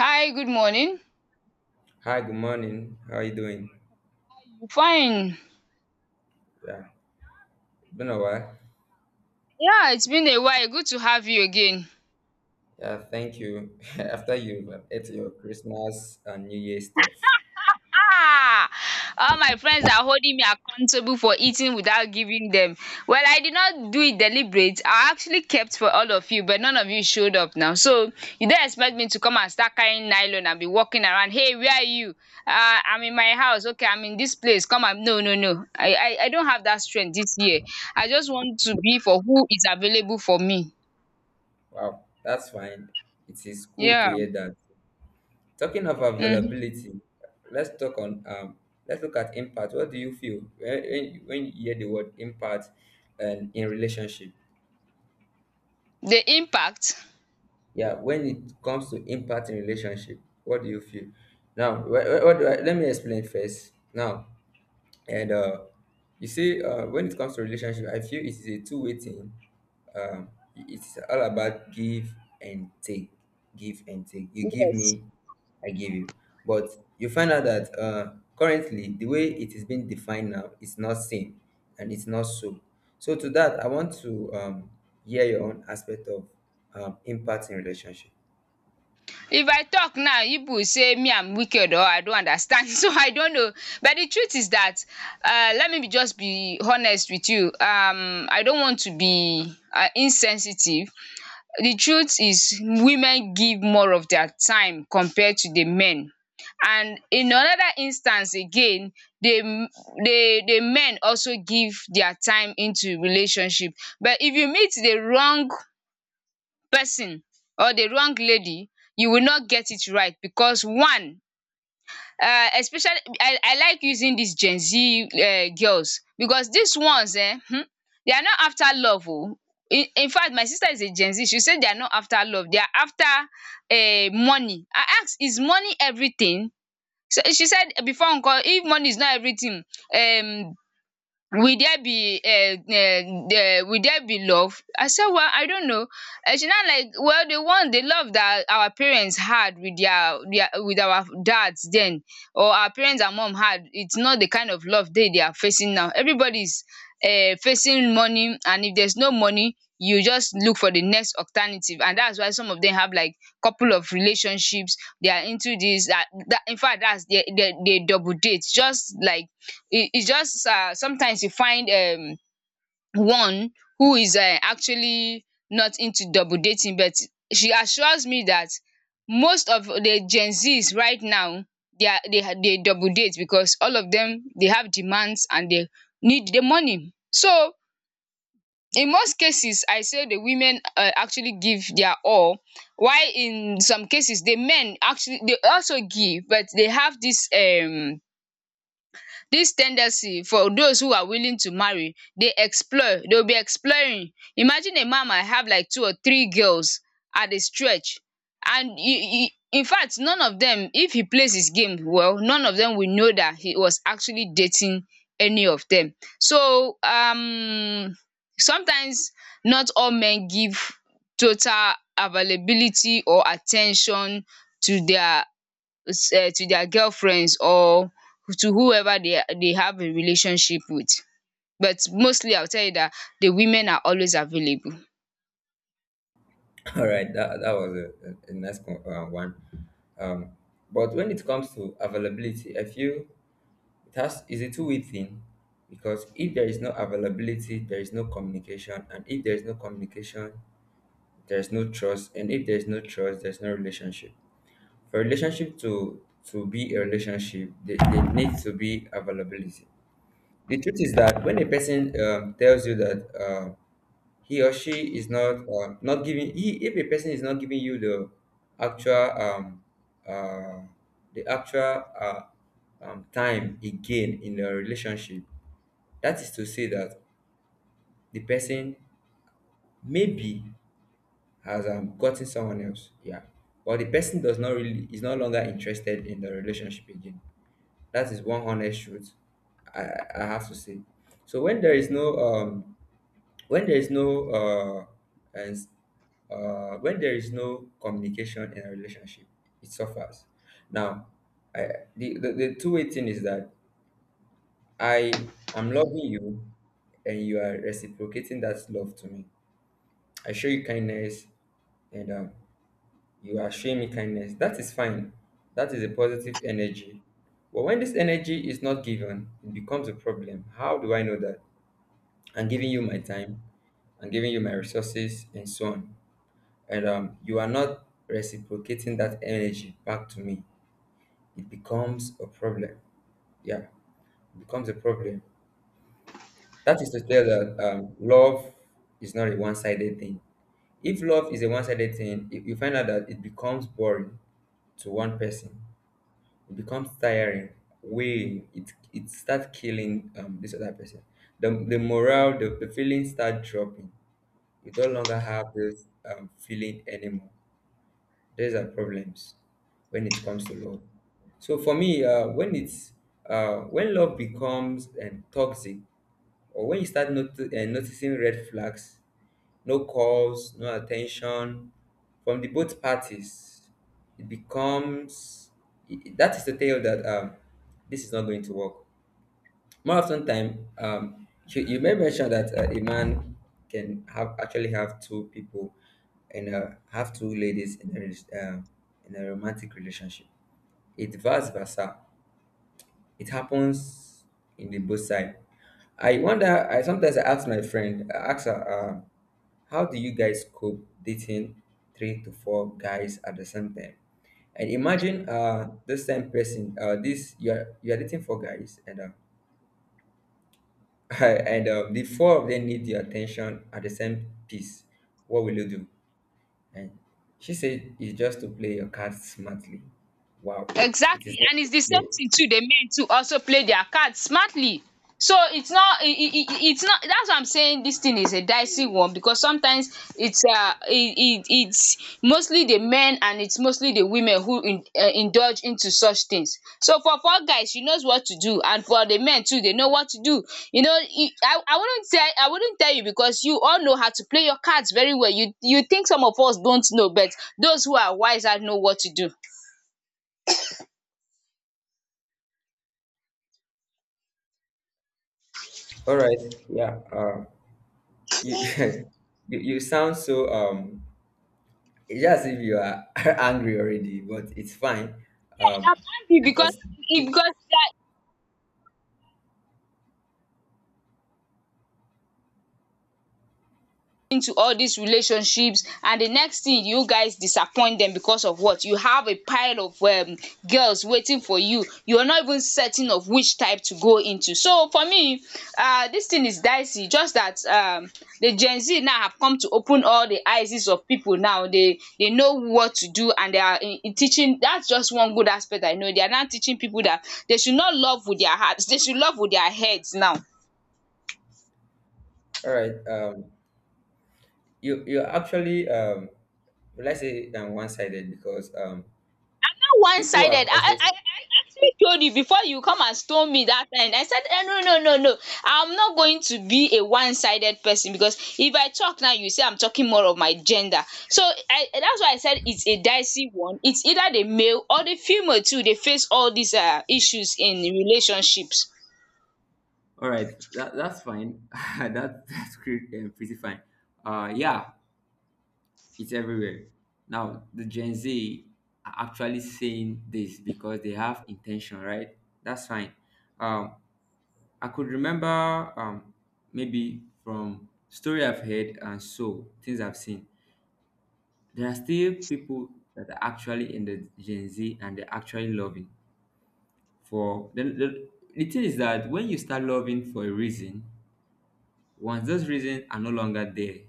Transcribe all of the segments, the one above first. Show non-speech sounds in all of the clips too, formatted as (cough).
Hi, good morning. Hi, good morning. How are you doing? Fine. Yeah, been a while. Yeah, it's been a while. Good to have you again. Yeah, thank you. (laughs) After you ate your Christmas and New Year stuff. Ah, all my friends are holding me accountable for eating without giving them. Well, I did not do it deliberate. I actually kept for all of you, but none of you showed up now. So you don't expect me to come and start carrying nylon and be walking around. Hey, where are you? I'm in my house. Okay, I'm in this place. Come and no, no, no. I don't have that strength this year. I just want to be for who is available for me. Wow, that's fine. It is cool to Yeah. hear that. Talking of Mm-hmm. availability, let's talk on let's look at impact. What do you feel when you hear the word impact and in relationship? The impact? Yeah, when it comes to impact in relationship, what do you feel? Now, let me explain first. Now, And you see, when it comes to relationship, I feel it is a two-way thing. Um, it's all about give and take, give and take. You give Yes. me, I give you. But you find out that currently the way it is being defined now is not same, and it's not so. So to that, I want to hear your own aspect of impact in relationship. If I talk now, people will say me I'm wicked or I don't understand, (laughs) so I don't know, but the truth is that, let me be just be honest with you. I don't want to be insensitive. The truth is women give more of their time compared to the men, and in another instance again, the the men also give their time into relationship. But if you meet the wrong person or the wrong lady, you will not get it right. Because one, especially I like using these Gen Z girls, because these ones, eh? They are not after love. Oh, in fact, my sister is a Gen Z. She said they are not after love, they are after money. I ask, is money everything? So she said before, Uncle, if money is not everything, um will there be love? I said, well, I don't know. She now like, well, the love that our parents had with their with our dads then, or our parents and mom had, it's not the kind of love they are facing now. Everybody's is facing money, and if there's no money, you just look for the next alternative. And that's why some of them have like couple of relationships. They are into this, that, in fact, that's they double date. Just like, it's just, sometimes you find one who is actually not into double dating. But she assures me that most of the Gen Zs right now, they are they ha- they double date, because all of them they have demands and they need the money. So in most cases, I say the women actually give their all, while in some cases, the men actually, they also give, but they have this Dis ten dency for those who are willing to marry dey explore, they will be exploring. Imagine a man might have like two or three girls at a stretch, and he infact none of dem, if he plays his game well, none of dem will know dat he was actually dating any of dem. So sometimes not all men give total availability or at ten tion to their um girlfriends or to whoever they have a relationship with. But mostly, I will tell you that the women are always available. (laughs) All right, that was a nice one. Um, but when it comes to availability, I feel it has is a two-way thing because if there is no availability, there is no communication, and if there is no communication, there is no trust, and if there is no trust, there's no relationship. For a relationship to be a relationship, there needs to be availability. The truth is that when a person tells you that he or she is not not giving, if a person is not giving you actual um, uh, the actual time again in a relationship, that is to say that the person maybe has gotten someone else, yeah, but the person does not really is no longer interested in the relationship again. That is one honest truth. I have to say. So when there is no uh and when there is no communication in a relationship, it suffers. Now, the two-way thing is that I am loving you, and you are reciprocating that love to me. I show you kindness and, you are showing me kindness. That is fine. That is a positive energy. But when this energy is not given, it becomes a problem. How do I know that? I'm giving you my time, I'm giving you my resources, and so on. And you are not reciprocating that energy back to me. It becomes a problem. Yeah, it becomes a problem. That is to tell that love is not a one sided thing. If love is a one sided thing, you find out that it becomes boring to one person. It becomes tiring, weighing it starts killing this other person. The morale, the feelings start dropping. You no longer have this feeling anymore. These are problems when it comes to love. So for me when love becomes toxic, or when you start not noticing red flags, no calls, no attention from the both parties, it becomes that is to tell that this is not going to work. More often time, you may mention that a man can have actually have two people, and have two ladies in uh, in a romantic relationship. It vice versa. It happens in the both side. I wonder. I sometimes I ask my friend. I ask her, how do you guys cope dating three to four guys at the same time? And imagine this same person, this you are dating four guys and (laughs) and the four of them need your attention at the same piece. What will you do? And she said it's just to play your cards smartly. Wow. It Exactly, is not and to it's the same play. thing too. The men too also play their cards smartly. So it's not, it's not. That's why I'm saying this thing is a dicey one, because sometimes, it's mostly the men, and it's mostly the women who, indulge into such things. So for four guys, she knows what to do, and for the men too, they know what to do. You know, I wouldn't tell you, because you all know how to play your cards very well. You think some of us don't know, but those who are wiser know what to do. All right. Yeah. You (laughs) you sound so it's just as if you are (laughs) angry already, but it's fine. I Um can be, because because if it, because they are into all these relationships, and the next thing, you guys disappoint them because of what you have, a pile of girls waiting for you. You're not even certain of which type to go into. So for me, this thing is dicey, just that, the Gen Z now have come to open all the eyes of people now. They know what to do, and they are in teaching. That's just one good aspect. I know they are now teaching people that they should not love with their hearts, they should love with their heads now. all right, you're actually, let's say one sided, because One people sided. have I I also. I I actually told you, before you come and stone me that time, I said, no, no, no, no, I'm not going to be a one sided person, because if I talk now, you say I'm talking more of my gender. So I that's why I said it's a dicey one. It's either the male or the female too. They face all these issues in relationships. All right, that's fine. (laughs) That's great, pretty fine. Yeah, it's everywhere. Now, the Gen Z are actually saying this because they have intention, right? That's fine. Um, I could remember, maybe from story I've heard and so things I've seen. There are still people that are actually in the Gen Z and they're actually loving. For the thing is that when you start loving for a reason, once those reasons are no longer there,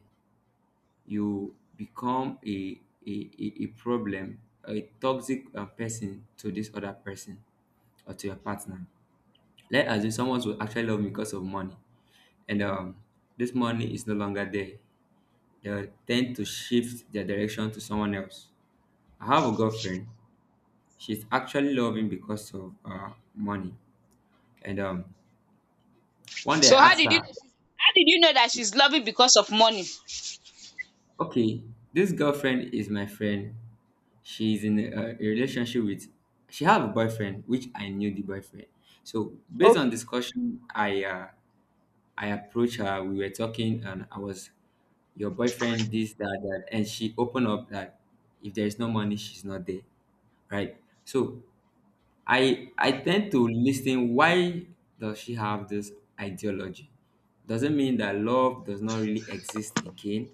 you become a problem, a toxic person to this other person or to your partner. Let us say someone will actually love me because of money, and this money is no longer there. They tend to shift their direction to someone else. I have a girlfriend. She's actually loving because of money. And one day So I how asked did you know, her. That she's loving because of money? Okay, this girlfriend is my friend. She's in a relationship with, she have a boyfriend, which I knew the boyfriend. So based on discussion, I approached her. We were talking, and I was your boyfriend this that that, and she opened up that if there is no money, she's not there, right? So I tend to listen why does she have this ideology? Does not mean that love does not really exist again?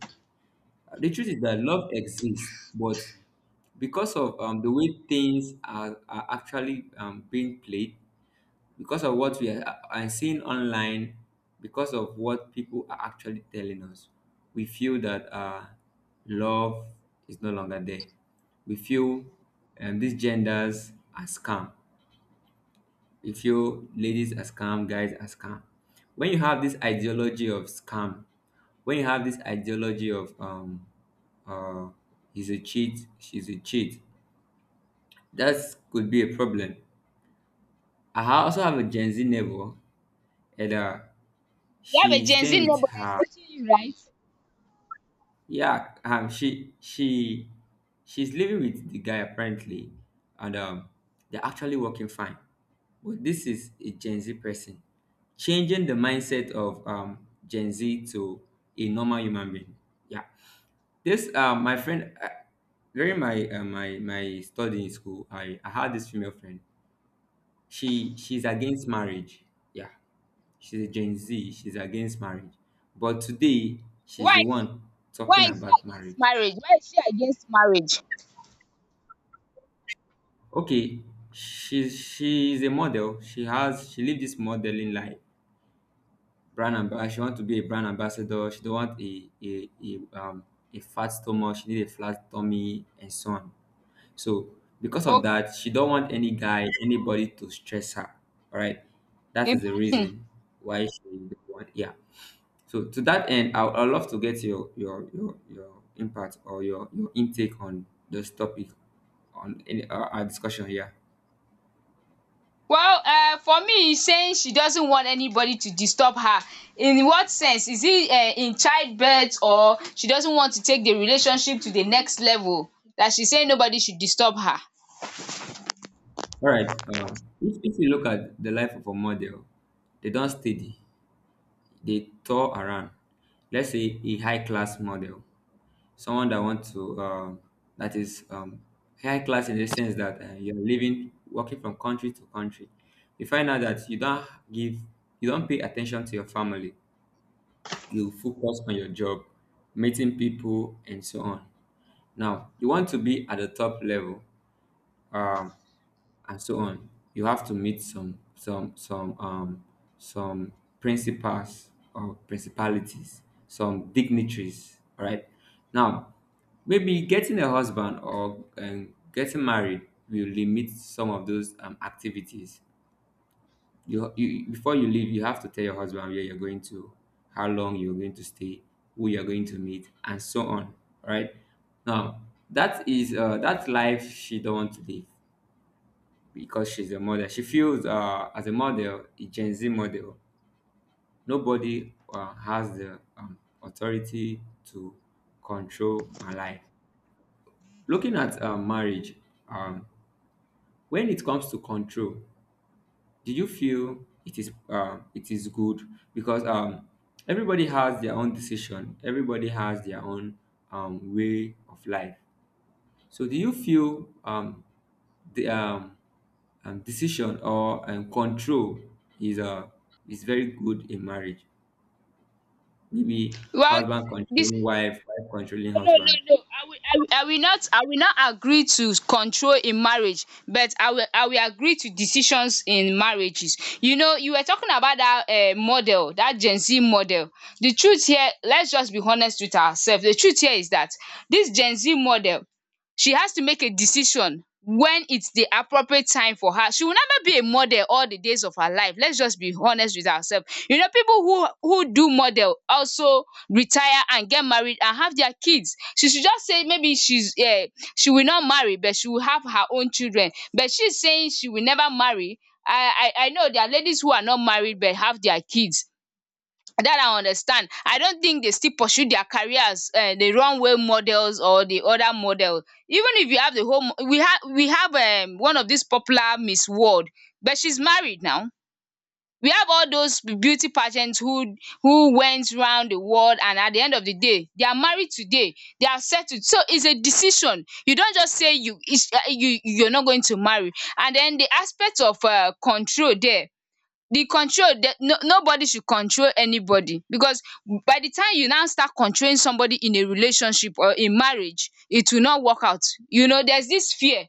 The truth is that love exists, but because of the way things are actually, being played, because of what we are seeing online, because of what people are actually telling us, we feel that love is no longer there. We feel these genders are scam. If you ladies are scam, guys are scam. When you have this ideology of scam, when you have this ideology of uh he's a cheat, she's a cheat, that could be a problem. I also have a Gen Z neighbor, and You have a she's Gen Z staying with neighbor that's her. teaching you right? Yeah, she's living with the guy apparently, and they're actually working fine. But this is a Gen Z person, changing the mindset of Gen Z to a normal human being. Yeah, this my friend, during my my study in school, I had this female friend. She's against marriage. Yeah, she's a Gen Z. She's against marriage, but today she's why the one why talking is she about against marriage. marriage? Okay, she is a model. She lived this modeling life. She want to be a brand ambassador. She don't want a fat stomach. She need a flat tummy and so on. So because of that, she don't want anybody to stress her. All right, that is the Imagine. reason why she don't want, yeah. So to that end, I'd love to get your impact or your intake on this topic on our discussion here. Well, for me is saying she doesn't want anybody to disturb her. In what sense? Is it in childbirth, or she doesn't want to take the relationship to the next level, that she's saying nobody should disturb her? All right. If you look at the life of a model, they don't steady. They tour around. Let's say a high class model, someone that wants to that is high class in the sense that you're living, working from country to country. You find out that you don't give, you don't pay attention to your family. You focus on your job, meeting people, and so on. Now you want to be at the top level. Um, and so on. You have to meet some principals or principalities, some dignitaries. All right. Now, maybe getting a husband or getting married will limit some of those activities. You before you leave, you have to tell your husband where you're going to, how long you're going to stay, who you're going to meet, and so on. All right. Now, that is that life she don't want to live because she's a model. She feels as a model, a Gen Z model, nobody has the authority to control my life. Looking at marriage, um, when it comes to control, do you feel it is good because everybody has their own decision, everybody has their own way of life. So do you feel the decision or control is uh, is very good in marriage? Maybe Well, husband this. controlling wife, wife controlling No, no, husband. no, no. I will, I will, I will not agree to control in marriage, but I will agree to decisions in marriages. You know, you were talking about that model, that Gen Z model. The truth here, let's just be honest with ourselves. The truth here is that this Gen Z model, she has to make a decision when it's the appropriate time for her. She will never be a model all the days of her life. Let's just be honest with ourselves. You know, people who do model also retire and get married and have their kids. She should just say, maybe she will not marry, but she will have her own children. But she's saying she will never marry. I know there are ladies who are not married but have their kids. That, I understand. I don't think they still pursue their careers, the runway models or the other model. Even if you have the home, we have one of these popular Miss World, but she's married now. We have all those beauty pageants who went round the world, and at the end of the day, they are married today. They are settled. So it's a decision. You don't just say, you is you you're not going to marry. And then, the aspect of control there, the control, that no nobody should control anybody. Because by the time you now start controlling somebody in a relationship or in marriage, it will not work out. You know, there's this fear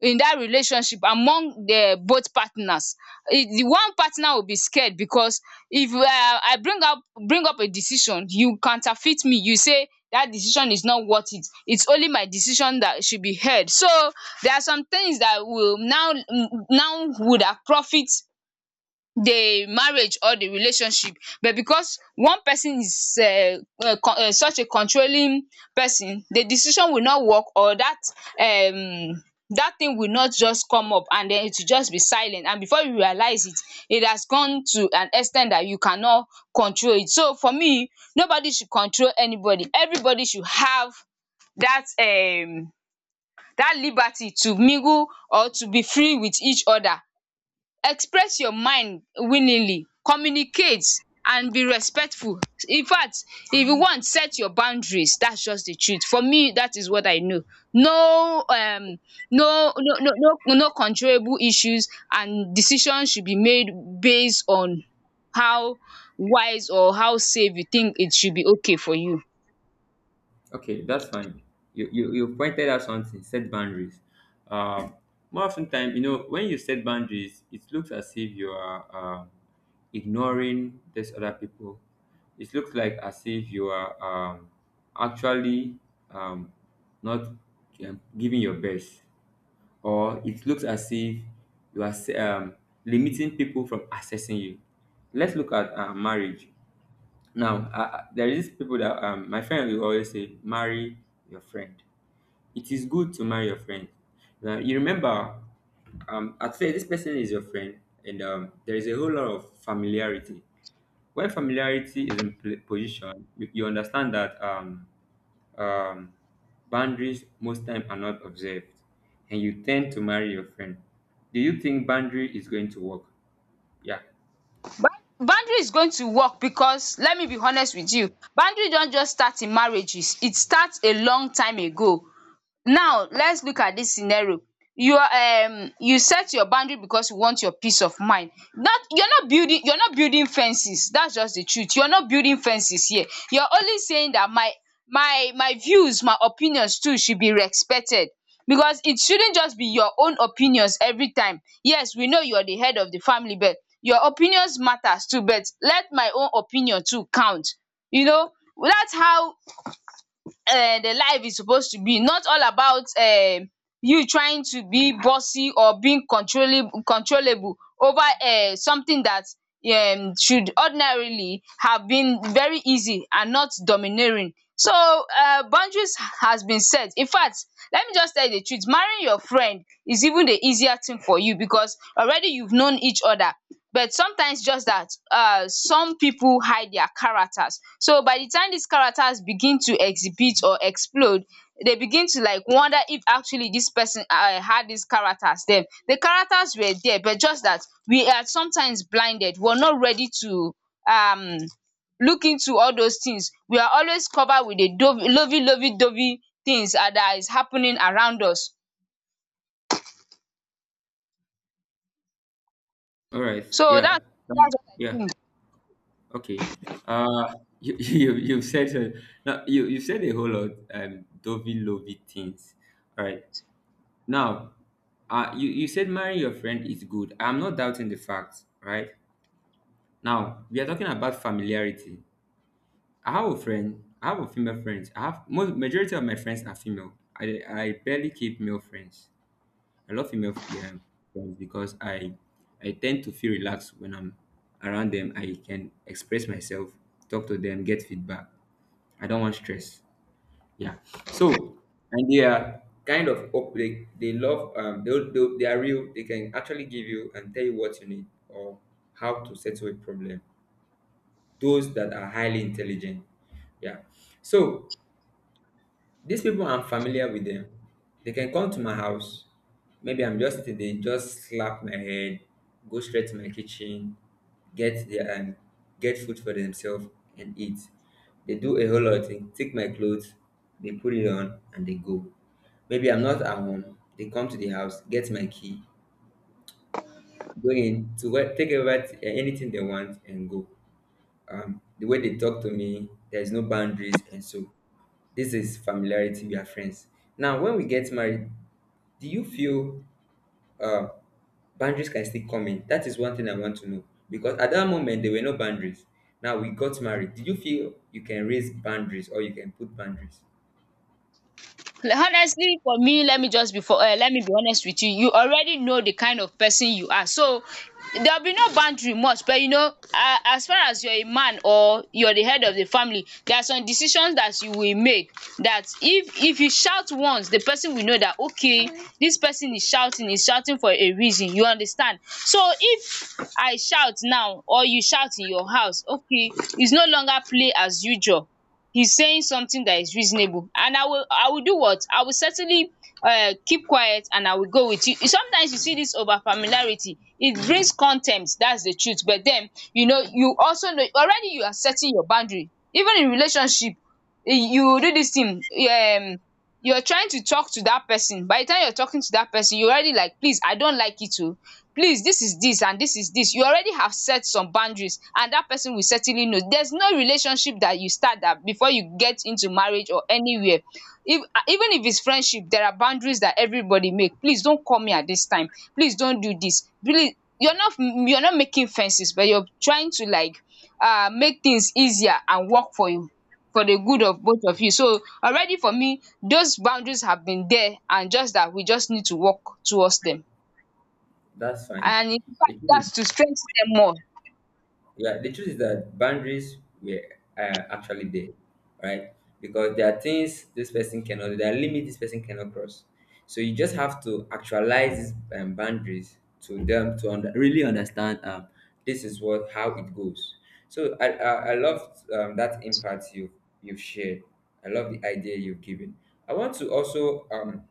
in that relationship among the both partners. It the one partner will be scared, because if I bring up, a decision, you counterfeit me, you say that decision is not worth it, it's only my decision that should be heard. So there are some things that will now would have profit the marriage or the relationship, but because one person is such a controlling person, the decision will not work, or um that thing will not just come up, and then it will just be silent, and before you realize it, it has gone to an extent that you cannot control it. So for me, nobody should control anybody. Everybody should have that um that liberty to mingle or to be free with each other. Express your mind willingly, communicate, and be respectful. In fact, if you want, set your boundaries. That's just the truth. For me, that is what I know. No, no, no, no, no, no, controllable issues, and decisions should be made based on how wise or how safe you think it should be okay for you. Okay, that's fine. You pointed out something. Set boundaries. Um, more often time, when you set boundaries, it looks as if you are ignoring these other people. It looks like as if you are actually um, not giving your best, or it looks as if you are um, limiting people from accessing you. Let's look at marriage. Now, there is people that my friend will always say, marry your friend. It is good to marry your friend. Now, you remember, at say this person is your friend, and there is a whole lot of familiarity. When familiarity is in position, you understand that um, boundaries most time are not observed, and you tend to marry your friend. Do you think boundary is going to work? Yeah. Ba- Boundary is going to work, because let me be honest with you, boundary don't just start in marriages, it starts a long time ago. Now, let's look at this scenario. You set your boundary because you want your peace of mind. That you're not building fences. That's just the truth. You're not building fences here. You're only saying that my views, my opinions too should be respected, because it shouldn't just be your own opinions every time. Yes, we know you're the head of the family, but your opinions matters too. But let my own opinion too count. You know that's how the life is supposed to be, not all about you trying to be bossy or being controlling controllable over something that should ordinarily have been very easy and not domineering. So boundaries has been set, infact, let me just tell you the truth, marrying your friend is even the easier thing for you because already you've known each other. But sometimes just that some people hide their characters, so by the time these characters begin to exhibit or explode, they begin to like wonder if actually this person had these characters. Then the characters were there, but just that we are sometimes blinded, we are not ready to um look into all those things. We are always covered with the a lovey lovey dovey things that is happening around us. All right. So Yeah. that's what I Yeah. think. Okay. Uh, you, (laughs) you've said so. Now, you said a whole lot, dovey lovey things. All right. Now, you said marrying your friend is good. I'm not doubting the fact, right? Now, we are talking about familiarity. I have a friend, I have a female friend. I have most majority of my friends are female. I barely keep male friends. I love female friends because I tend to feel relaxed when I'm around them. I can express myself, talk to them, get feedback. I don't want stress. Yeah. So and they are kind of they love they are real. They can actually give you and tell you what you need or how to settle a problem. Those that are highly intelligent. Yeah. So these people I'm familiar with them. They can come to my house. Maybe I'm just sitting there, just slap my head, go straight to my kitchen, get their get food for themselves and eat. They do a whole lot of things, take my clothes, they put it on and they go. Maybe I'm not at home. They come to the house, get my key, go in to what take over anything they want and go. The way they talk to me, there's no boundaries and so this is familiarity. We are friends. Now, when we get married, do you feel uh, boundaries can still come in? That is one thing I want to know because at that moment there were no boundaries. Now we got married. Did you feel you can raise boundaries or you can put boundaries? Honestly for me, let me just before let me be honest with you, you already know the kind of person you are, so there'll be no boundary much. But you know, as far as you're a man or you're the head of the family, there are some decisions that you will make that if you shout once, the person will know that, okay, this person is shouting for a reason, you understand? So if I shout now or you shout in your house, okay, it's no longer play as usual. He's saying something that is reasonable and I will do what? I will certainly keep quiet and I will go with you. Sometimes you see this over familiarity, it brings contempt. That's the truth. But then, you know, you also know already you are setting your boundary even in relationship. Eh, you do this thing, you're trying to talk to that person. By the time you're talking to that person, you already like, please, I don't like it too, please, this is this and this is this, you already have set some boundaries and that person will certainly know. There's no relationship that you start that before you get into marriage or anywhere, if even if it's friendship, there are boundaries that everybody make. Please don't call me at this time, please don't do this, please. You're not making fences, but you're trying to like make things easier and work for you, for the good of both of you. So already for me, those boundaries have been there, and just that we just need to work towards them That's fine. and in fact It- that's to strengthen them more. Yeah, the truth is that boundaries were actually there, right? Because there are things this person cannot, do, there are limits this person cannot cross. So you just have to actualize these boundaries to them to really understand this is what how it goes. So I love that impact you you've shared. I love the idea you've given. I want to also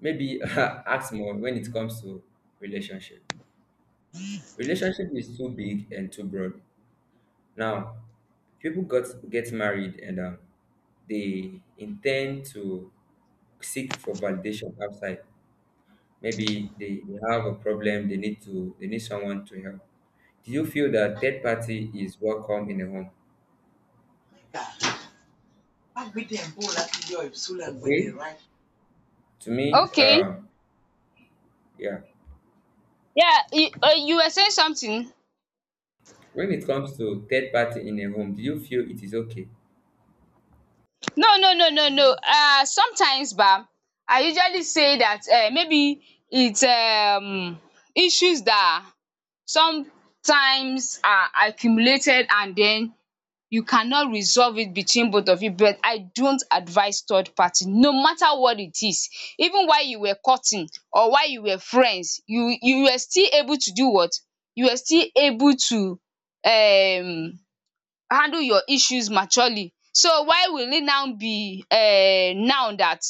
maybe (laughs) ask more when it comes to relationship. Relationship is too big and too broad now, people got get married and they intend to seek for validation outside. Maybe they have a problem. They need someone to help. Do you feel that third party is welcome in a home? Okay, to me, Okay. Yeah. Yeah, you, you were saying something? When it comes to third party in a home, do you feel it is okay? No, no, no, no, no. Sometimes ba, I usually say that maybe it's issues that sometimes are accumulated and then you cannot resolve it between both of you, but I don't advise third party no matter what it is. Even while you were courting or while you were friends, you were still able to do what? You were still able to um handle your issues maturely. So why will it now be now that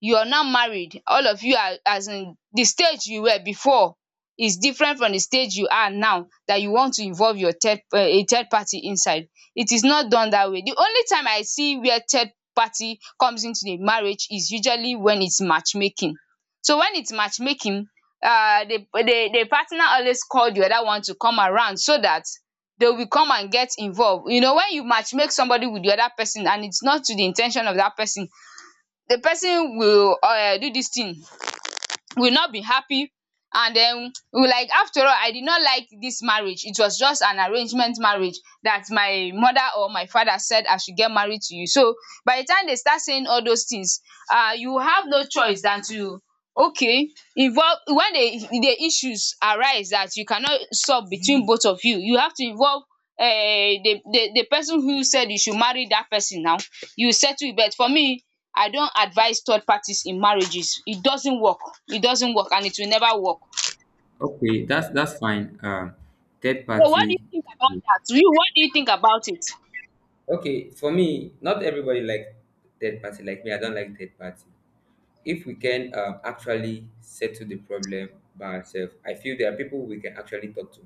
you are now married, all of you are, as in, the stage you were before is different from the stage you are now, that you want to involve your third a third party inside? It is not done that way. The only time I see where third party comes into the marriage is usually when it's matchmaking. So when it's matchmaking, the the partner always called the other one to come around so that they will come and get involved. You know, when you matchmake somebody with the other person and it's not to the intention of that person, the person will do dis thing, will not be happy, and den will like, after all, I did not like dis marriage, it was just an arrangement marriage, dat my mother or my father said I should get married to you. So by the time they start saying all those things, you have no choice than to, okay, involve, when the issues arise that you cannot solve between both of you, you have to involve the the person who said you should marry that person. Now you settle it. But for me, I don't advise third parties in marriages. It doesn't work, it doesn't work, and it will never work. Okay, that's fine. Third So what do you party. think about that? You, what do you think about it? Okay, for me, not everybody like third party like me. I don't like third party. If we can actually settle the problem by ourselves, I feel there are people we can actually talk to.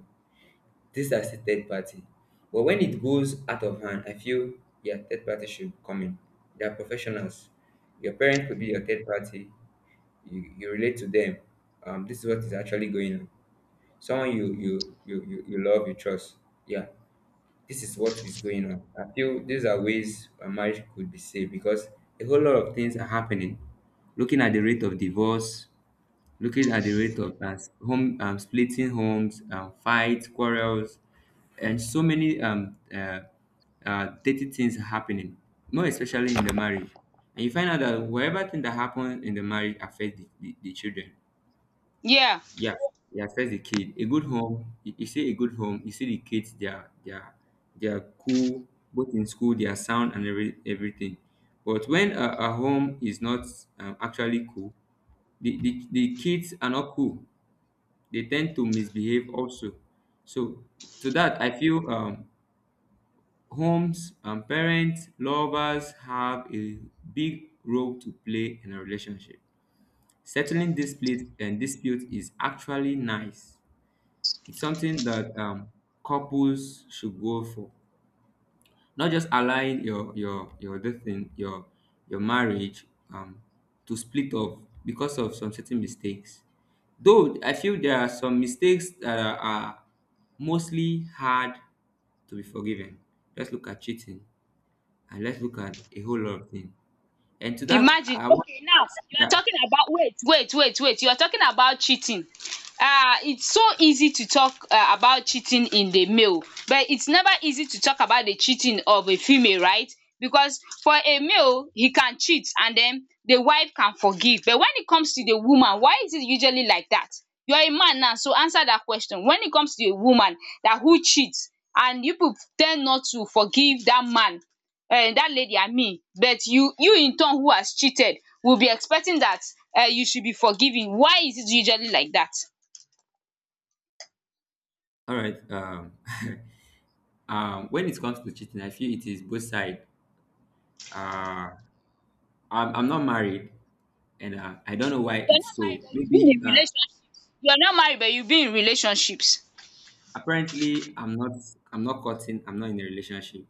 This is a third party. But when it goes out of hand, I feel yeah, third party should come in. They are professionals. Your parent could be your third party. You relate to them. This is what is actually going on. Someone you love, you trust. Yeah, this is what is going on. I feel these are ways a marriage could be saved because a whole lot of things are happening. Looking at the rate of divorce, looking at the rate of home splitting homes, fights, quarrels, and so many dirty things happening, more especially in the marriage. And you find out that whatever thing that happens in the marriage affects the children. Yeah. Yeah, yeah, first the kid. A good home, you see a good home, you see the kids, they are cool, both in school, they are sound and everything. But when a home is not actually cool, the kids are not cool. They tend to misbehave also. So to that, I feel homes, parents, lovers have a big role to play in a relationship. Settling dispute and dispute is actually nice. It's something that couples should go for. Not just allowing your this thing your marriage um, to split off because of some certain mistakes. Though I feel there are some mistakes that are mostly hard to be forgiven. Let's look at cheating and let's look at a whole lot of things. And to that, Imagine. I want Okay, to now ask you are that. talking about, wait, wait, wait, wait. You are talking about cheating. It's so easy to talk about cheating in the male, but it's never easy to talk about the cheating of a female, right? Because for a male, he can cheat and then the wife can forgive. But when it comes to the woman, why is it usually like that? You're a man now, so answer that question. When it comes to a woman that who cheats, and you people tend not to forgive that man that lady and me, but you in turn who has cheated, will be expecting that you should be forgiving. Why is it usually like that? All right. (laughs) When it comes to cheating, I feel it is both side. Uh, I'm not married, and I don't know why You are it's not married so. but you've been Maybe in relationships. You are not married but you've been in relationships. apparently I'm not cutting. I'm not in a relationship.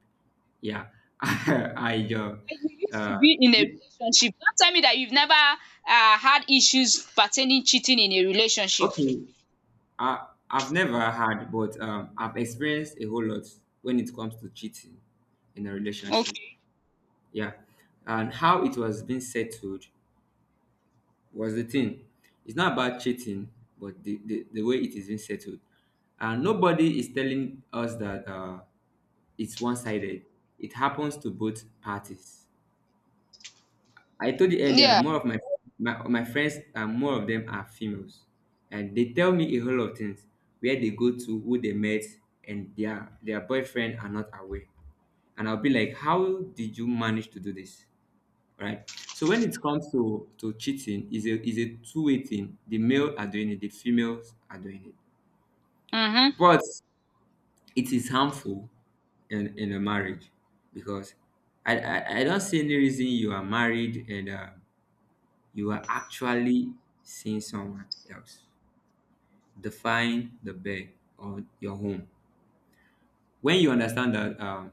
Yeah, (laughs) I But you used to be in a the- relationship. Don't tell me that you've never had issues pertaining cheating in a relationship. okay. I've never had, but I've experienced a whole lot when it comes to cheating in a relationship. Okay. Yeah, and how it was being settled was the thing. It's not about cheating, but the way it is being settled. And nobody is telling us that. It's one-sided. It happens to both parties. I told you earlier, Yeah. more of my friends and more of them are females, and they tell me a whole lot of things where they go to, who they met, and their boyfriend are not aware. And I'll be like, how did you manage to do this? Right. So when it comes to cheating, is a two-way thing. The male are doing it, the females are doing it. Mhm. But it is harmful in a marriage because I don't see any reason you are married and you are actually seeing someone else. Define the bed or your home. When you understand that, um,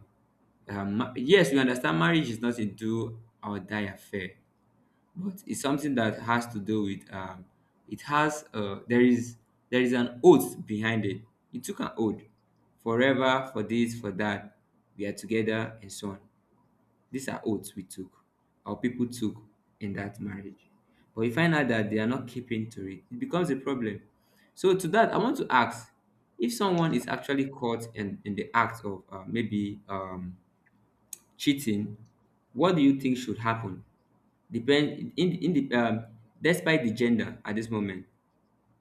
uh, yes, we understand marriage is not a do or die affair, but it's something that has to do with it has there is an oath behind it, he took an oath forever, for this for that we are together and so on. These are oaths we took, our people took in that marriage, but you find out that they are not keeping to it, it becomes a problem. So to that, I want to ask, if someone is actually caught in the act of maybe cheating, what do you think should happen? Depend in the despite the gender at this moment,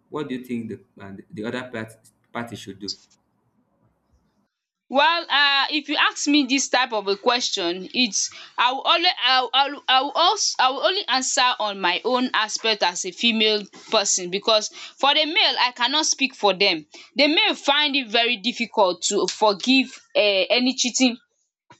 what do you think the party should do? Well, if you ask me this type of a question, it's, I will always I will I will I will als I will only answer on my own aspect as a female person, because for the male I cannot speak for them. The male find it very difficult to forgive any cheating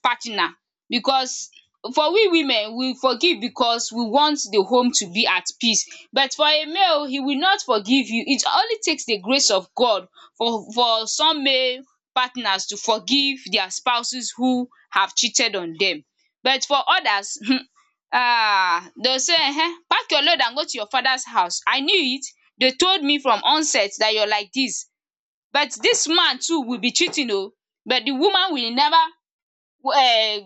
partner, because for we women, we forgive because we want the home to be at peace. But for a male, he will not forgive you. It only takes the grace of God for some male partners to forgive their spouses who have cheated on them. But for others, (laughs) ah, they will say, pack your load and go to your father's house. I knew it, they told me from onset that you're like this. But this man too will be cheating, oh! But the woman will never, eh,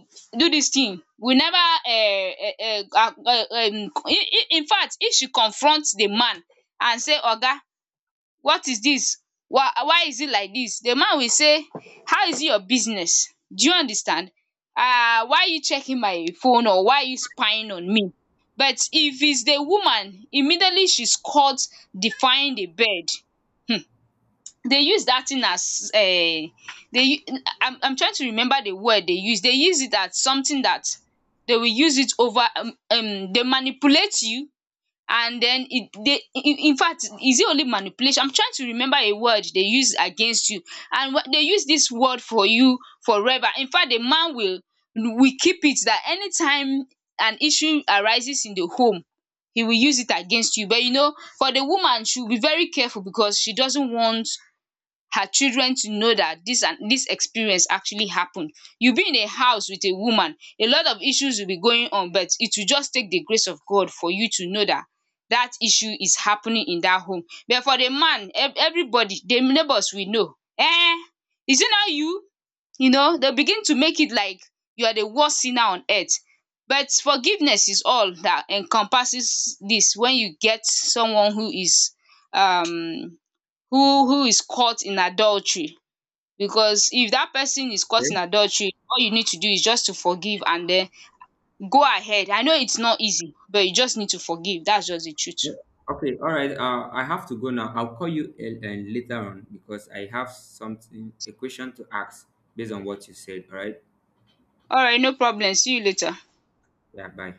do this thing, we never, eh, eh, eh, ah, eh, in fact, if she confronts the man and say, oga, what is this? Why is it like this? The man will say, how is it your business? Do you understand? Ah, why are you checking my phone or why are you spying on me? But if it's the woman, immediately she's caught defying the bed. Hmm. They use that thing as they, u-, I'm trying to remember the word they use. They use it as something that they will use it over, um, they manipulate you, and then it they, in fact, is it only manipulation? I'm trying to remember a word they use against you. And when they use this word for you, forever. In fact, the man will keep it that anytime an issue arises in the home, he will use it against you. But you know, for the woman, she will be very careful because she doesn't want her children to know that this and this experience actually happened. You'll be in a house with a woman, a lot of issues will be going on, but it will just take the grace of God for you to know that that issue is happening in that home. But for the man, everybody, the neighbors will know. Eh, is it not you? You know, they'll begin to make it like you are the worst sinner on earth. But forgiveness is all that encompasses this, when you get someone who is um who is caught in adultery, because if that person is caught in Okay. adultery, all you need to do is just to forgive and then go ahead. I know it's not easy, but you just need to forgive. That's just the truth. Okay. All right. I have to go now. I'll call you later on because I have something a question to ask based on what you said. All right. All right, no problem, see you later. Yeah. Bye.